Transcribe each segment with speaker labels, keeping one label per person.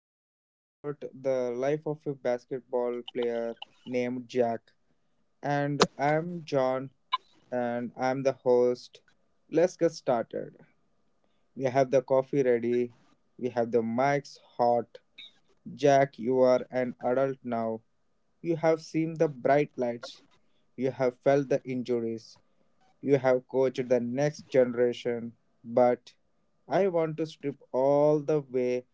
Speaker 1: story about the life of a basketball player named Jack. And I'm John, and I'm the host. Let's get started. We have the coffee ready, we have the mics hot. Jack, you are an adult now. You have seen the bright lights, you have felt the injuries, you have coached the next generation. But I want to strip all the way.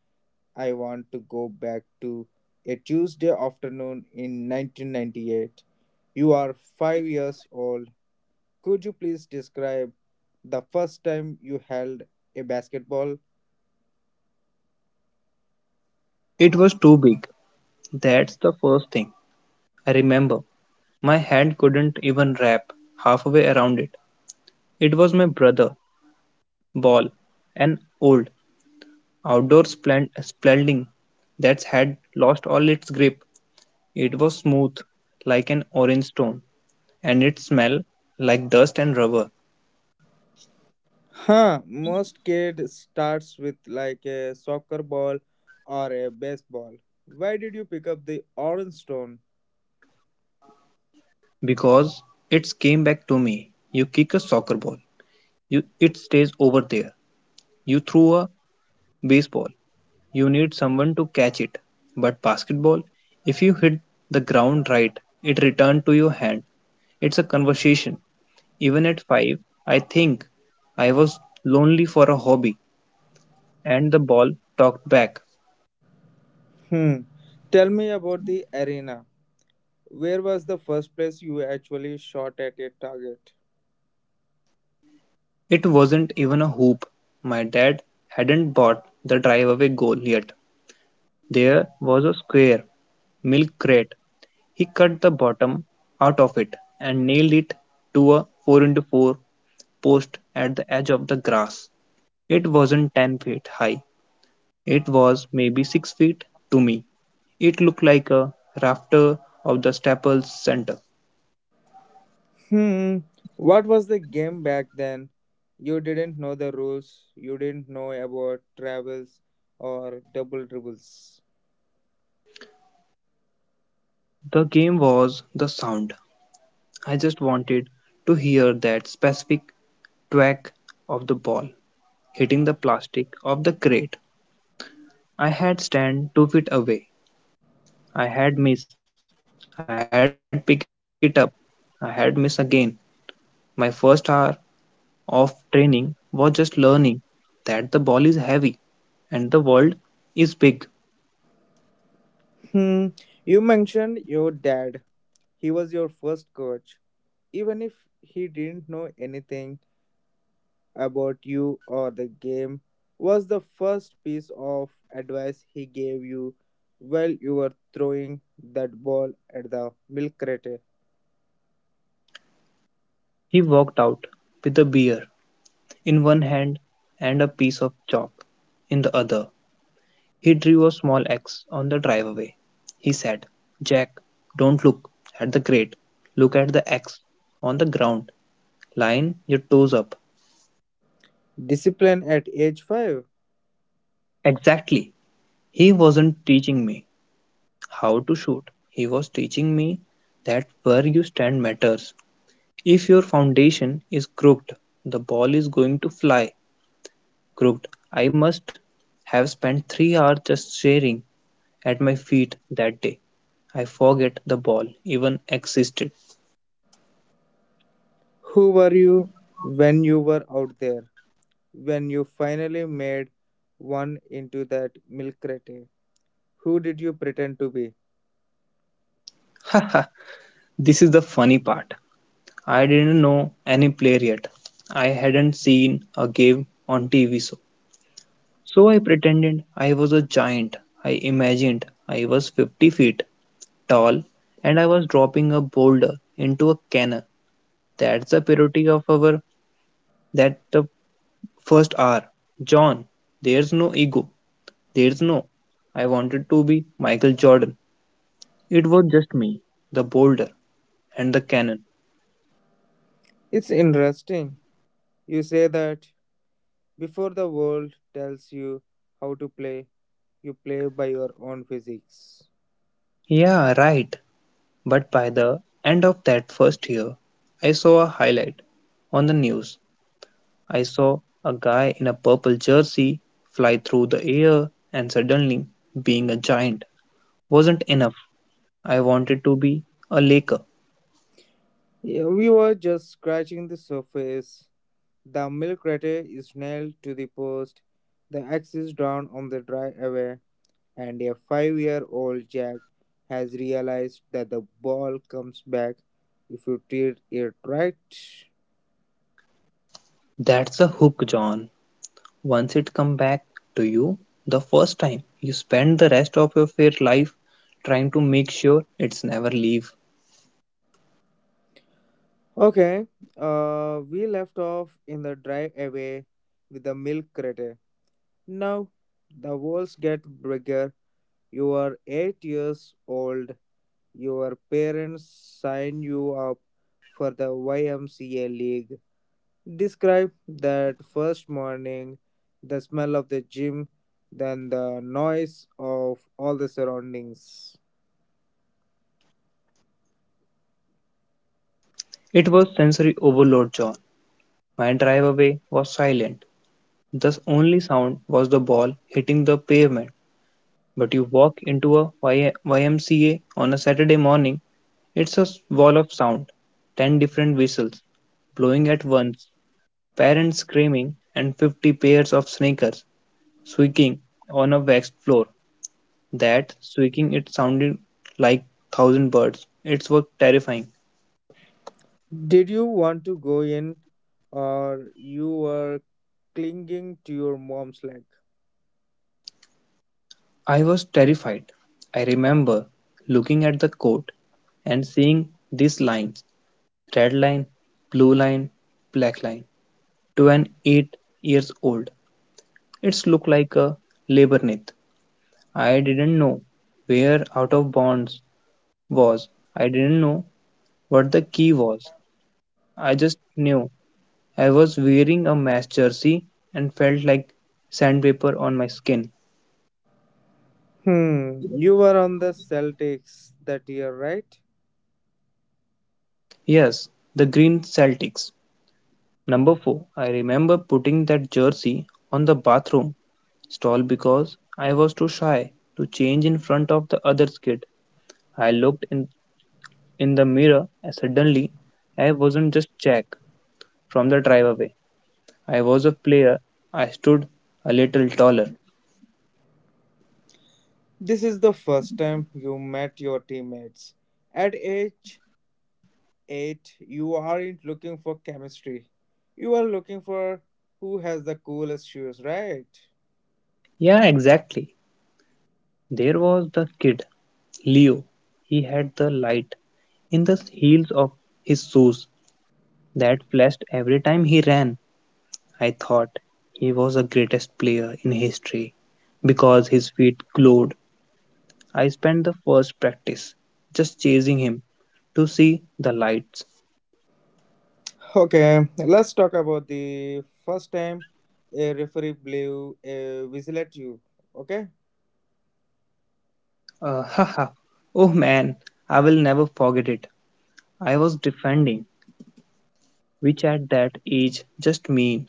Speaker 1: I want to go back to a Tuesday afternoon in 1998. You are 5 years old. Could you please describe the first time you held a basketball?
Speaker 2: It was too big. That's the first thing I remember. My hand couldn't even wrap halfway around it. It was my brother, Ball, an old outdoor splending that had lost all its grip. It was smooth, like an orange stone, and it smelled like dust and rubber.
Speaker 1: Most kid starts with like a soccer ball or a baseball. Why did you pick up the orange stone?
Speaker 2: Because it came back to me. You kick a soccer ball, you, it stays over there. You threw a baseball, you need someone to catch it. But basketball, if you hit the ground right, it returned to your hand. It's a conversation. Even at five, I think I was lonely for a hobby, and the ball talked back.
Speaker 1: Hmm. Tell me about the arena. Where was the first place you actually shot at a target?
Speaker 2: It wasn't even a hoop. My dad hadn't bought the driveaway goal yet. There was a square milk crate. He cut the bottom out of it and nailed it to a 4 into 4 post at the edge of the grass. It wasn't 10 feet high. It was maybe 6 feet to me. It looked like a rafter of the Staples Center.
Speaker 1: Hmm, what was the game back then? You didn't know the rules, you didn't know about travels or double dribbles.
Speaker 2: The game was the sound. I just wanted to hear that specific thwack of the ball hitting the plastic of the crate. I had stand 2 feet away. I had missed. I had pick it up. I had missed again. My first hour of training was just learning that the ball is heavy and the world is big.
Speaker 1: Hmm, you mentioned your dad. He was your first coach. Even if he didn't know anything about you or the game, was the first piece of advice he gave you while you were throwing that ball at the milk crate.
Speaker 2: He walked out with a beer in one hand and a piece of chalk in the other. He drew a small X on the driveway. He said, "Jack, don't look at the grate. Look at the X on the ground, line your toes up."
Speaker 1: Discipline at age 5.
Speaker 2: Exactly. He wasn't teaching me how to shoot. He was teaching me that where you stand matters. If your foundation is crooked, the ball is going to fly crooked. I must have spent 3 hours just staring at my feet that day. I forget the ball even existed.
Speaker 1: Who were you when you were out there? When you finally made one into that milk crate? Who did you pretend to be?
Speaker 2: This is the funny part. I didn't know any player yet. I hadn't seen a game on TV so. So I pretended I was a giant. I imagined I was 50 feet tall and I was dropping a boulder into a canal. That's the purity of our that the first hour. John, there's no ego. There's no, I wanted to be Michael Jordan. It was just me, the boulder, and the cannon.
Speaker 1: It's interesting. You say that before the world tells you how to play, you play by your own physics.
Speaker 2: Yeah, right. But by the end of that first year, I saw a highlight on the news. I saw a guy in a purple jersey fly through the air, and suddenly, being a giant wasn't enough. I wanted to be a Laker.
Speaker 1: Yeah, we were just scratching the surface. The milk crate is nailed to the post, the axe is drawn on the dry away, and a 5 year old Jack has realized that the ball comes back if you treat it right.
Speaker 2: That's a hook, John. Once it come back to you the first time, you spend the rest of your fair life trying to make sure it's never leave.
Speaker 1: Okay, we left off in the drive away with the milk crate. Now, the walls get bigger. You are 8 years old. Your parents sign you up for the YMCA league. Describe that first morning, the smell of the gym, then the noise of all the surroundings.
Speaker 2: It was sensory overload, John. My drive away was silent. The only sound was the ball hitting the pavement. But you walk into a YMCA on a Saturday morning, it's a wall of sound. Ten different whistles blowing at once, parents screaming, and 50 pairs of sneakers squeaking on a waxed floor. That squeaking, it sounded like thousand birds. It was terrifying.
Speaker 1: Did you want to go in, or you were clinging to your mom's leg?
Speaker 2: I was terrified. I remember looking at the coat and seeing these lines red line, blue line, black line to an 8 years old. It looked like a labyrinth. I didn't know where out of bounds was. I didn't know what the key was. I just knew I was wearing a mesh jersey and felt like sandpaper on my skin.
Speaker 1: You were on the Celtics that year, right?
Speaker 2: Yes, the green Celtics. Number 4. I remember putting that jersey on the bathroom stall because I was too shy to change in front of the other kid. I looked in the mirror and suddenly I wasn't just Jack from the driveway. I was a player. I stood a little taller.
Speaker 1: This is the first time you met your teammates. At age 8, you aren't looking for chemistry. You are looking for who has the coolest shoes, right?
Speaker 2: Yeah, exactly. There was the kid, Leo. He had the light in the heels of his shoes that flashed every time he ran. I thought he was the greatest player in history because his feet glowed. I spent the first practice just chasing him to see the lights.
Speaker 1: Okay, let's talk about the first time a referee blew a whistle at you. Okay?
Speaker 2: Haha. Oh man, I will never forget it. I was defending, which at that age just mean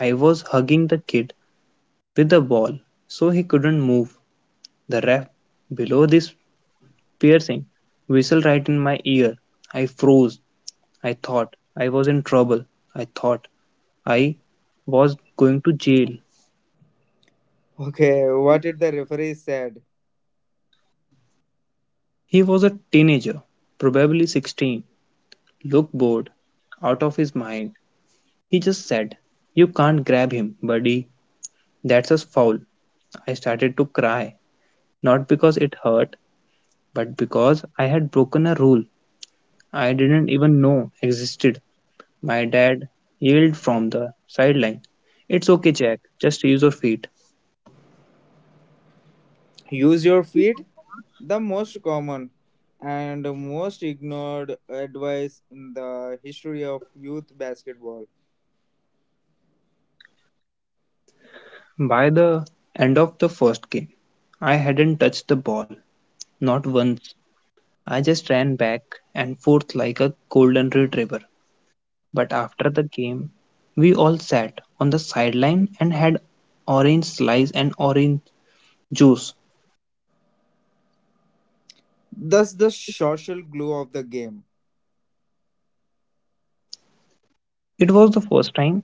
Speaker 2: I was hugging the kid with the ball so he couldn't move. The ref below this piercing whistle right in my ear. I froze. I thought I was in trouble. I thought I was going to jail.
Speaker 1: Okay, what did the referee said?
Speaker 2: He was a teenager, probably 16, looked bored out of his mind. He just said, "You can't grab him, buddy. That's a foul." I started to cry, not because it hurt, but because I had broken a rule I didn't even know existed. My dad yelled from the sideline, "It's okay, Jack, just use your feet."
Speaker 1: Use your feet, the most common and most ignored advice in the history of youth basketball.
Speaker 2: By the end of the first game, I hadn't touched the ball, not once. I just ran back and forth like a golden retriever. But after the game, we all sat on the sideline and had orange slice and orange juice.
Speaker 1: Thus the social glue of the game.
Speaker 2: It was the first time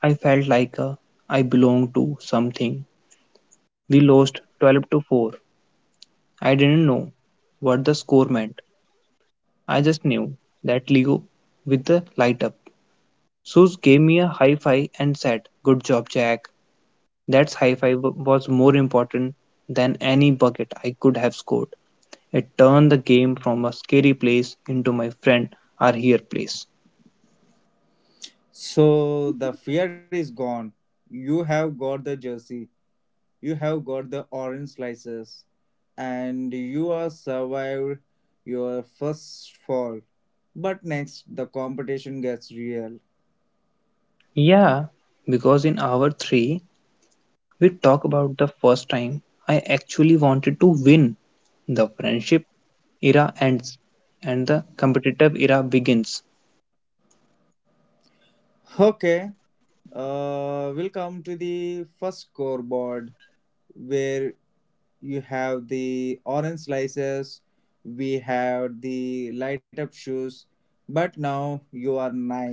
Speaker 2: I felt like I belonged to something. We lost 12-4. I didn't know what the score meant. I just knew that Leo with the light up. Sus gave me a high five and said, "Good job, Jack." That's high five was more important than any bucket I could have scored. It turned the game from a scary place into my friend are here place.
Speaker 1: So the fear is gone. You have got the jersey. You have got the orange slices, and you are survived your first fall, but next the competition gets real.
Speaker 2: Yeah, because in hour 3, we talk about the first time I actually wanted to win. The friendship era ends and the competitive era begins.
Speaker 1: Okay, we'll come to the first scoreboard, where you have the orange slices, we have the light up shoes, but now you are nine.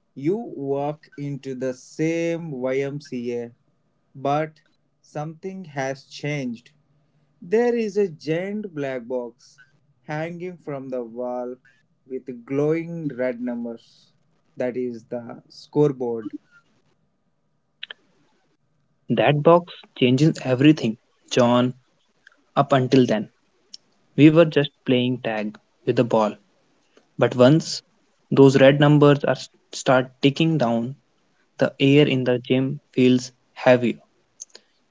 Speaker 1: You walk into the same YMCA, but something has changed. There is a giant black box hanging from the wall with glowing red numbers. That is the scoreboard.
Speaker 2: That box changes everything. John, up until then, we were just playing tag with the ball. But once those red numbers are start ticking down, the air in the gym feels heavier.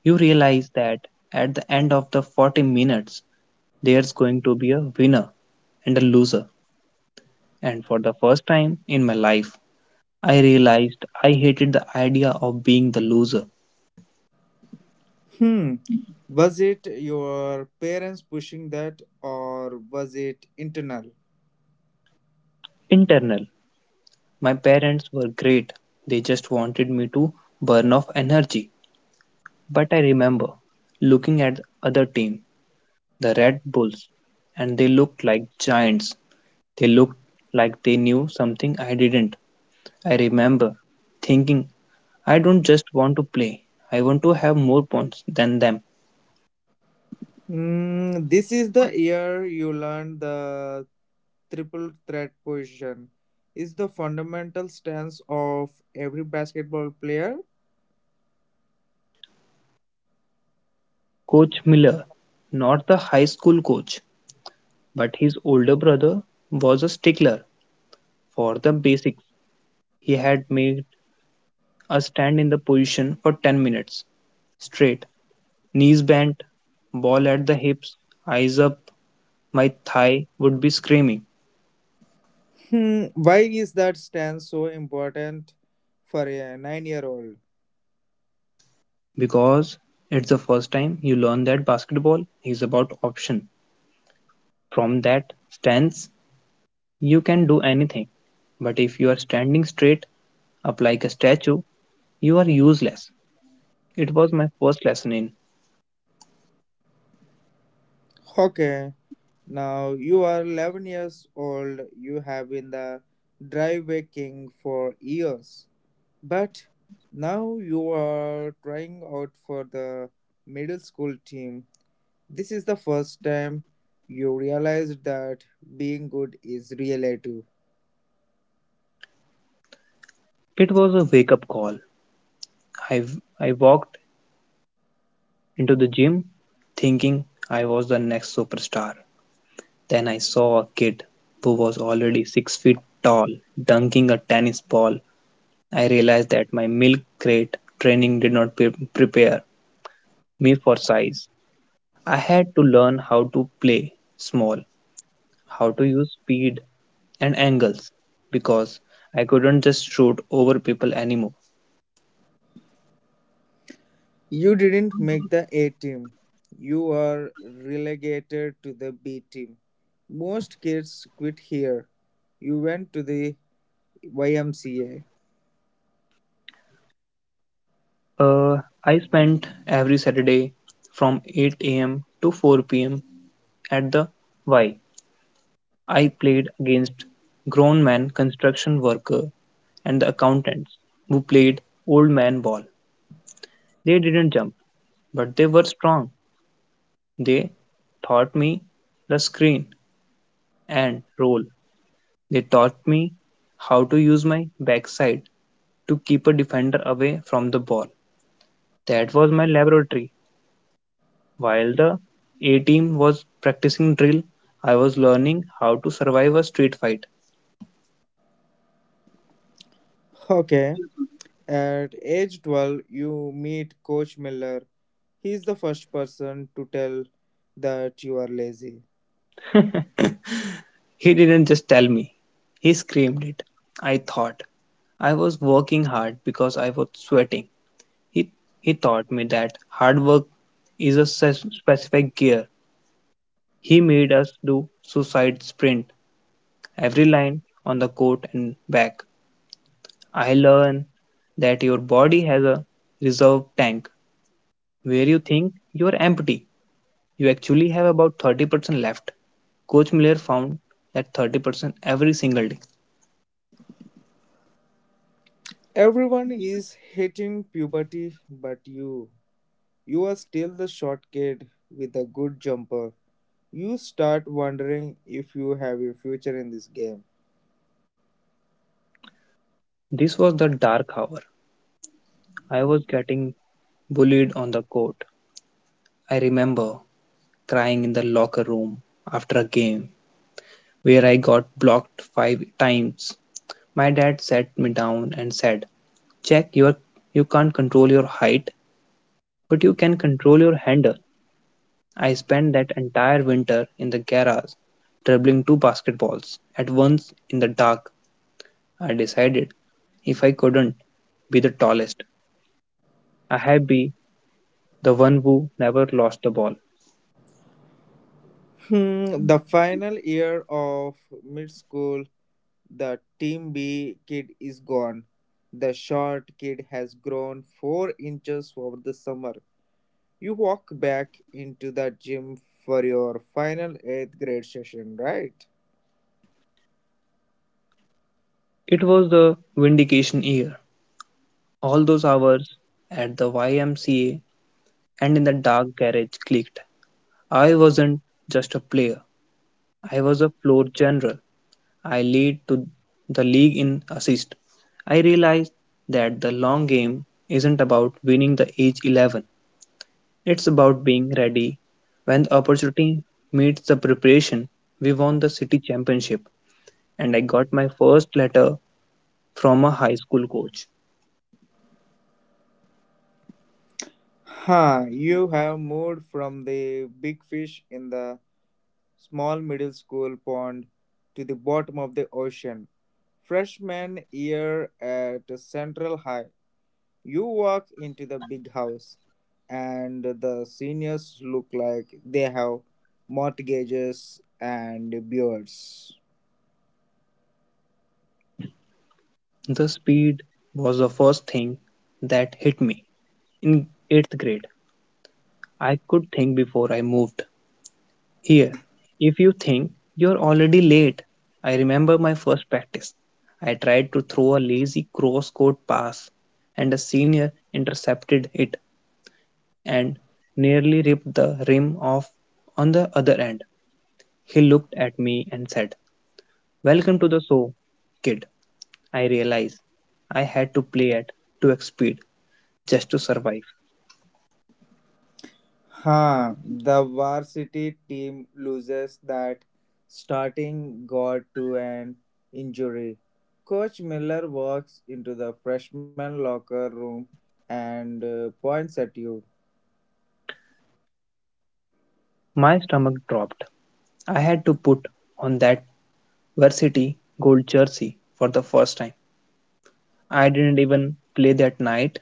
Speaker 2: You realize that at the end of the 40 minutes, there's going to be a winner and a loser. And for the first time in my life, I realized I hated the idea of being the loser.
Speaker 1: Hmm. Was it your parents pushing that or was it internal?
Speaker 2: Internal, my parents were great. They just wanted me to burn off energy. But I remember looking at the other teams the Red Bulls, and they looked like giants. They looked like they knew something I didn't. I remember thinking, I don't just want to play, I want to have more points than them.
Speaker 1: Hmm. This is the year you learn the triple threat position. Is the fundamental stance of every basketball player?
Speaker 2: Coach Miller, not the high school coach, but his older brother, was a stickler for the basics. He had made us stand in the position for 10 minutes straight, knees bent, ball at the hips, eyes up. My thigh would be screaming.
Speaker 1: Why is that stance so important for a 9 year old?
Speaker 2: Because it's the first time you learn that basketball is about option. From that stance, you can do anything. But if you are standing straight up like a statue, you are useless. It was my first lesson in.
Speaker 1: Okay, now you are 11 years old, you have been the dry waking for years, but now you are trying out for the middle school team. This is the first time you realized that being good is relative.
Speaker 2: It was a wake up call. I, I walked into the gym thinking I was the next superstar. Then I saw a kid who was already 6 feet tall dunking a tennis ball. I realized that my milk crate training did not prepare me for size. I had to learn how to play small, how to use speed and angles because I couldn't just shoot over people anymore.
Speaker 1: You didn't make the A team, you are relegated to the B team. Most kids quit here. You went to the YMCA.
Speaker 2: Uh, I spent every Saturday from 8 a.m. to 4 p.m. at the Y. I played against grown men, construction worker, and the accountants who played old man ball. They didn't jump, but they were strong. They taught me the screen and roll. They taught me how to use my backside to keep a defender away from the ball. That was my laboratory. While the A team was practicing drill, I was learning how to survive a street fight.
Speaker 1: Okay. At age 12, you meet Coach Miller. He's the first person to tell that you are lazy.
Speaker 2: He didn't just tell me, he screamed it. I thought I was working hard because I was sweating. He, he taught me that hard work is a specific gear. He made us do suicide sprint every line on the court and back. I learn that your body has a reserve tank where you think you are empty. You actually have about 30% left. Coach Miller found that 30% every single day.
Speaker 1: Everyone is hitting puberty but you. You are still the short kid with a good jumper. You start wondering if you have a future in this game.
Speaker 2: This was the dark hour. I was getting bullied on the court. I remember crying in the locker room after a game where I got blocked five times. My dad sat me down and said, "Jack, you can't control your height, but you can control your handle." I spent that entire winter in the garage, dribbling two basketballs at once in the dark. I decided if I couldn't be the tallest, I had be the one who never lost the ball.
Speaker 1: The final year of mid school, the Team B kid is gone. The short kid has grown 4 inches over the summer. You walk back into the gym for your final 8th grade session, right?
Speaker 2: It was the vindication year. All those hours at the YMCA and in the dark garage clicked. I wasn't just a player, I was a floor general. I lead to the league in assists. I realized that the long game isn't about winning the age 11. It's about being ready when the opportunity meets the preparation. We won the city championship and I got my first letter from a high school coach.
Speaker 1: You have moved from the big fish in the small middle school pond to the bottom of the ocean. Freshman year at Central High, you walk into the big house, and the seniors look like they have mortgages and beards.
Speaker 2: The speed was the first thing that hit me. In 8th grade, I could think before I moved. Here, if you think you're already late, I remember my first practice. I tried to throw a lazy cross court pass, and a senior intercepted it and nearly ripped the rim off on the other end. He looked at me and said, "Welcome to the show, kid." I realized I had to play at 2x speed just to survive.
Speaker 1: The varsity team loses that starting guard to an injury. Coach Miller walks into the freshman locker room and points at you.
Speaker 2: My stomach dropped. I had to put on that varsity gold jersey for the first time. I didn't even play that night.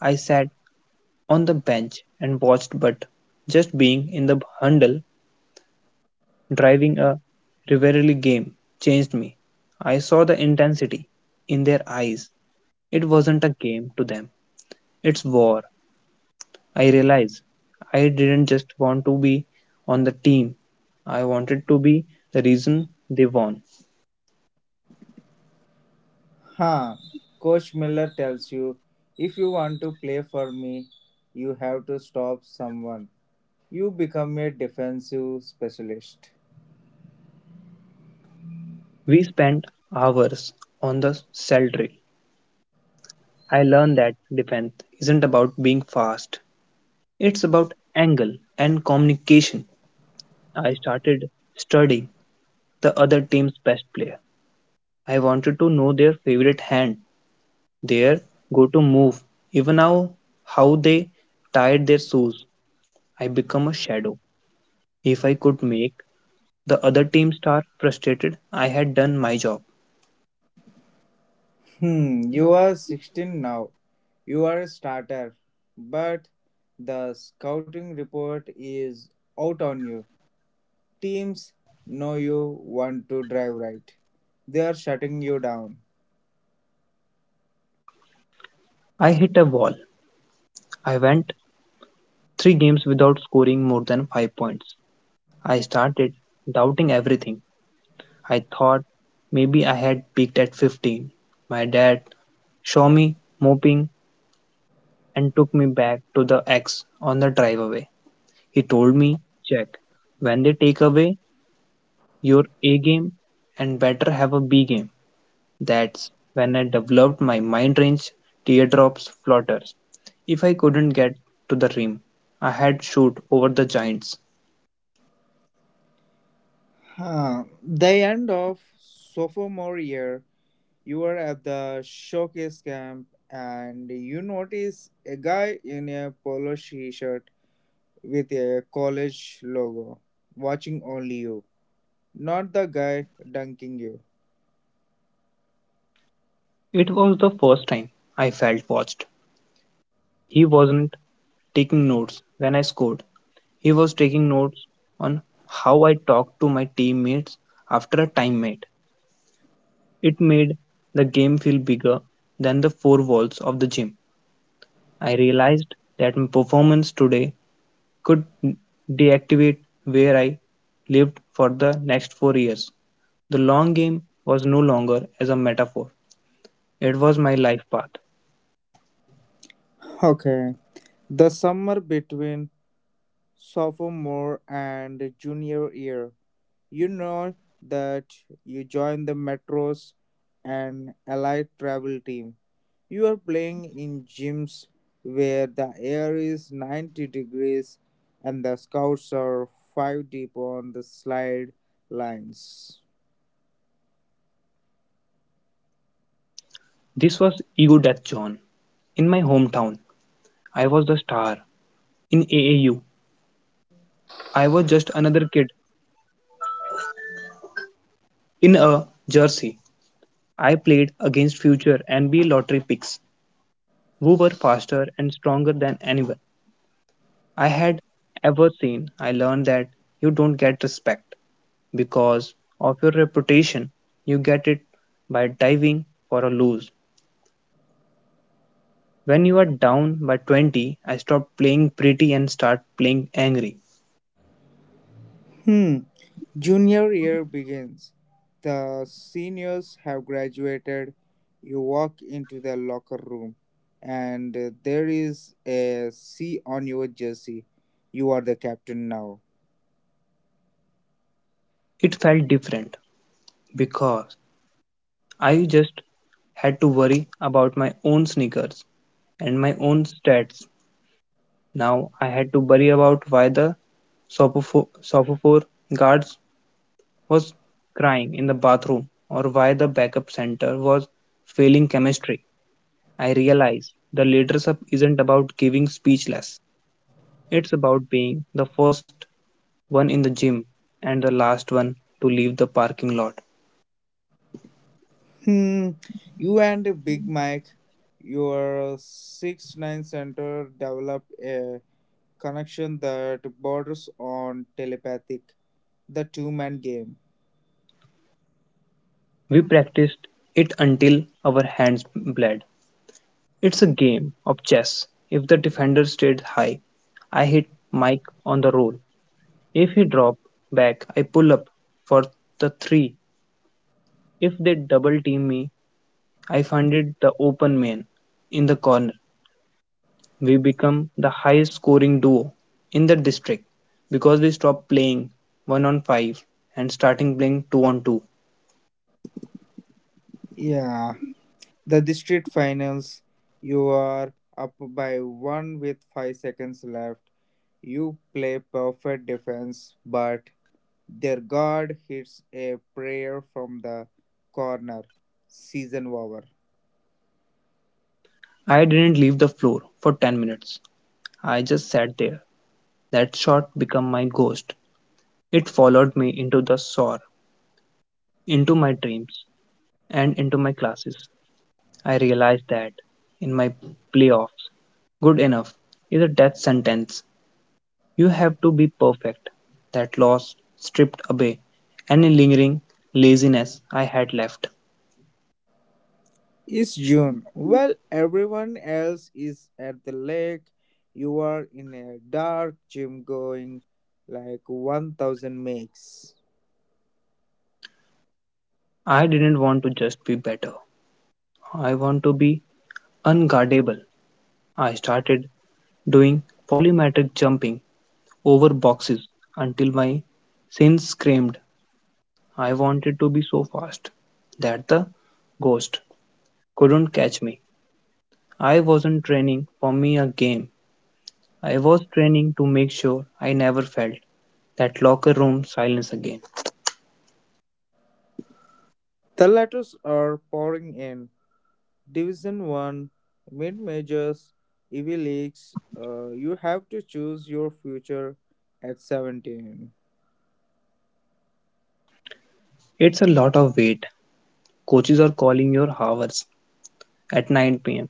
Speaker 2: I sat on the bench and watched, but just being in the Hundle driving a rivalry game changed me. I saw the intensity in their eyes. It wasn't a game to them, it's war. I realized I didn't just want to be on the team, I wanted to be the reason they won.
Speaker 1: Huh, Coach Miller tells you if you want to play for me, you have to stop someone. You become a defensive specialist.
Speaker 2: We spent hours on the cell drill. I learned that defense isn't about being fast, it's about angle and communication. I started studying the other team's best player. I wanted to know their favorite hand, their go to move, even how they tied their shoes. I become a shadow. If I could make the other team star frustrated, I had done my job.
Speaker 1: You are 16 now. You are a starter, but the scouting report is out on you. Teams know you want to drive right. They are shutting you down.
Speaker 2: I hit a wall. I went three games without scoring more than five points. I started doubting everything. I thought maybe I had peaked at 15. My dad saw me moping and took me back to the X on the driveway. He told me, "Jack, when they take away your A game and better have a B game." That's when I developed my mind range, teardrops, flutters. If I couldn't get to the rim, I had shoot over the giants.
Speaker 1: Huh. The end of sophomore year, you are at the showcase camp and you notice a guy in a polo t-shirt with a college logo watching only you, not the guy dunking you.
Speaker 2: It was the first time I felt watched. He wasn't taking notes when I scored. He was taking notes on how I talked to my teammates after a timeout. It made the game feel bigger than the four walls of the gym. I realized that my performance today could deactivate where I lived for the next four years. The long game was no longer as a metaphor, it was my life path.
Speaker 1: Okay. The summer between sophomore and junior year. You know that you join the Metros and Allied travel team. You are playing in gyms where the air is 90 degrees and the scouts are 5 deep on the slide lines.
Speaker 2: This was Ego Death John. In my hometown, I was the star. In AAU, I was just another kid in a jersey. I played against future NBA lottery picks who were faster and stronger than anyone I had ever seen. I learned that you don't get respect because of your reputation, you get it by diving for a lose. When you are down by 20, I stopped playing pretty and start playing angry.
Speaker 1: Hmm. Junior year begins, the seniors have graduated, you walk into the locker room, and there is a C on your jersey. You are the captain now.
Speaker 2: It felt different because I just had to worry about my own sneakers and my own stats. Now I had to worry about why the Sophomore guards was crying in the bathroom or why the backup center was failing chemistry. I realized the leadership isn't about giving speechless. It's about being the first one in the gym and the last one to leave the parking lot.
Speaker 1: Hmm. You and Big Mike, your 6-9 center, develop a connection that borders on telepathic, the two-man game.
Speaker 2: We practiced it until our hands bled. It's a game of chess. If the defender stayed high, I hit Mike on the roll. If he dropped back, I pull up for the three. If they double team me, I funded the open man in the corner. We become the highest scoring duo in the district because we stopped playing 1 on 5 and starting playing 2 on 2.
Speaker 1: Yeah. The district finals, you are up by one with 5 seconds left. You play perfect defense, but their guard hits a prayer from the corner. Season over.
Speaker 2: I didn't leave the floor for 10 minutes. I just sat there. That shot became my ghost. It followed me into the sore, into my dreams, and into my classes. I realized that in my playoffs, good enough is a death sentence. You have to be perfect. That loss stripped away any lingering laziness I had left.
Speaker 1: It's June. Well, everyone else is at the lake. You are in a dark gym going like 1,000 makes.
Speaker 2: I didn't want to just be better. I want to be unguardable. I started doing polymetric jumping over boxes until my sins screamed. I wanted to be so fast that the ghost couldn't catch me. I wasn't training for me a game. I was training to make sure I never felt that locker room silence again.
Speaker 1: The letters are pouring in. Division 1, mid majors, EV leagues, you have to choose your future at 17.
Speaker 2: It's a lot of weight. Coaches are calling your hours at 9 p.m.,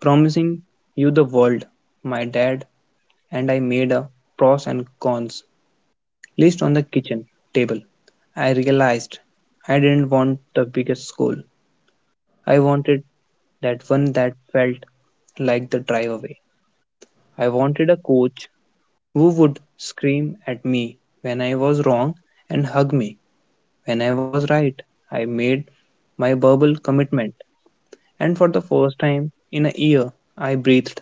Speaker 2: promising you the world. My dad and I made a pros and cons list on the kitchen table. I realized I didn't want the biggest school. I wanted that one that felt like the drive away. I wanted a coach who would scream at me when I was wrong and hug me when I was right. I made my verbal commitment and for the first time in a year, I breathed.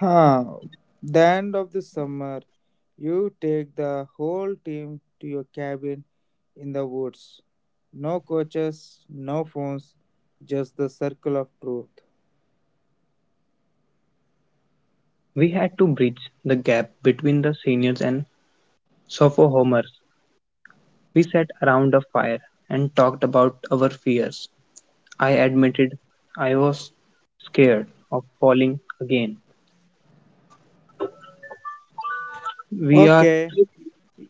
Speaker 1: Huh. The end of the summer, you take the whole team to your cabin in the woods. No coaches, no phones, just the circle of truth.
Speaker 2: We had to bridge the gap between the seniors and sophomores. We sat around a fire and talked about our fears. I admitted I was scared of falling again. We are
Speaker 1: Okay.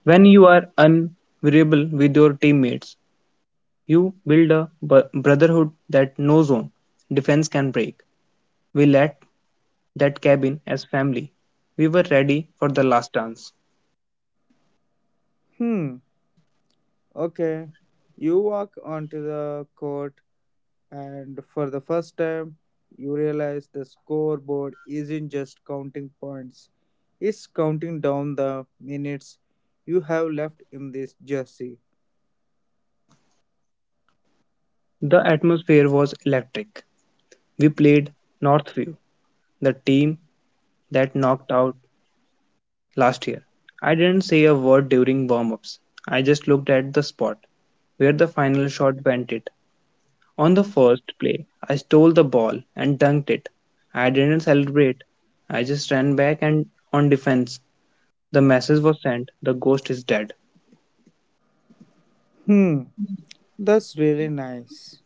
Speaker 2: When you are unvariable with your teammates, you build a brotherhood that no zone defense can break. We left that cabin as family. We were ready for the last dance.
Speaker 1: Hmm. Okay. You walk onto the court and for the first time, you realize the scoreboard isn't just counting points, it's counting down the minutes you have left in this jersey.
Speaker 2: The atmosphere was electric. We played Northview, the team that knocked out last year. I didn't say a word during warm ups. I just looked at the spot where the final shot went it. On the first play, I stole the ball and dunked it. I didn't celebrate. I just ran back and on defense. The message was sent. The ghost is dead.
Speaker 1: Hmm, that's really nice.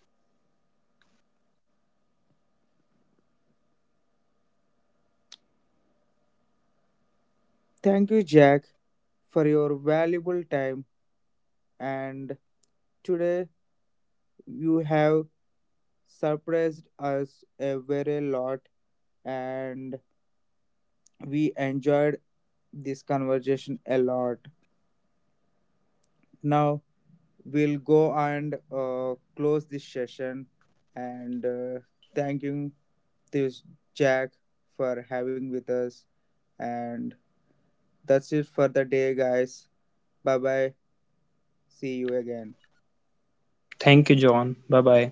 Speaker 1: Thank you, Jack, for your valuable time. And today, you have surprised us a very lot, and we enjoyed this conversation a lot. Now, we'll go and close this session and thank you this Jack for having with us, and that's it for the day, guys. Bye bye. See you again.
Speaker 2: Thank you, John. Bye bye.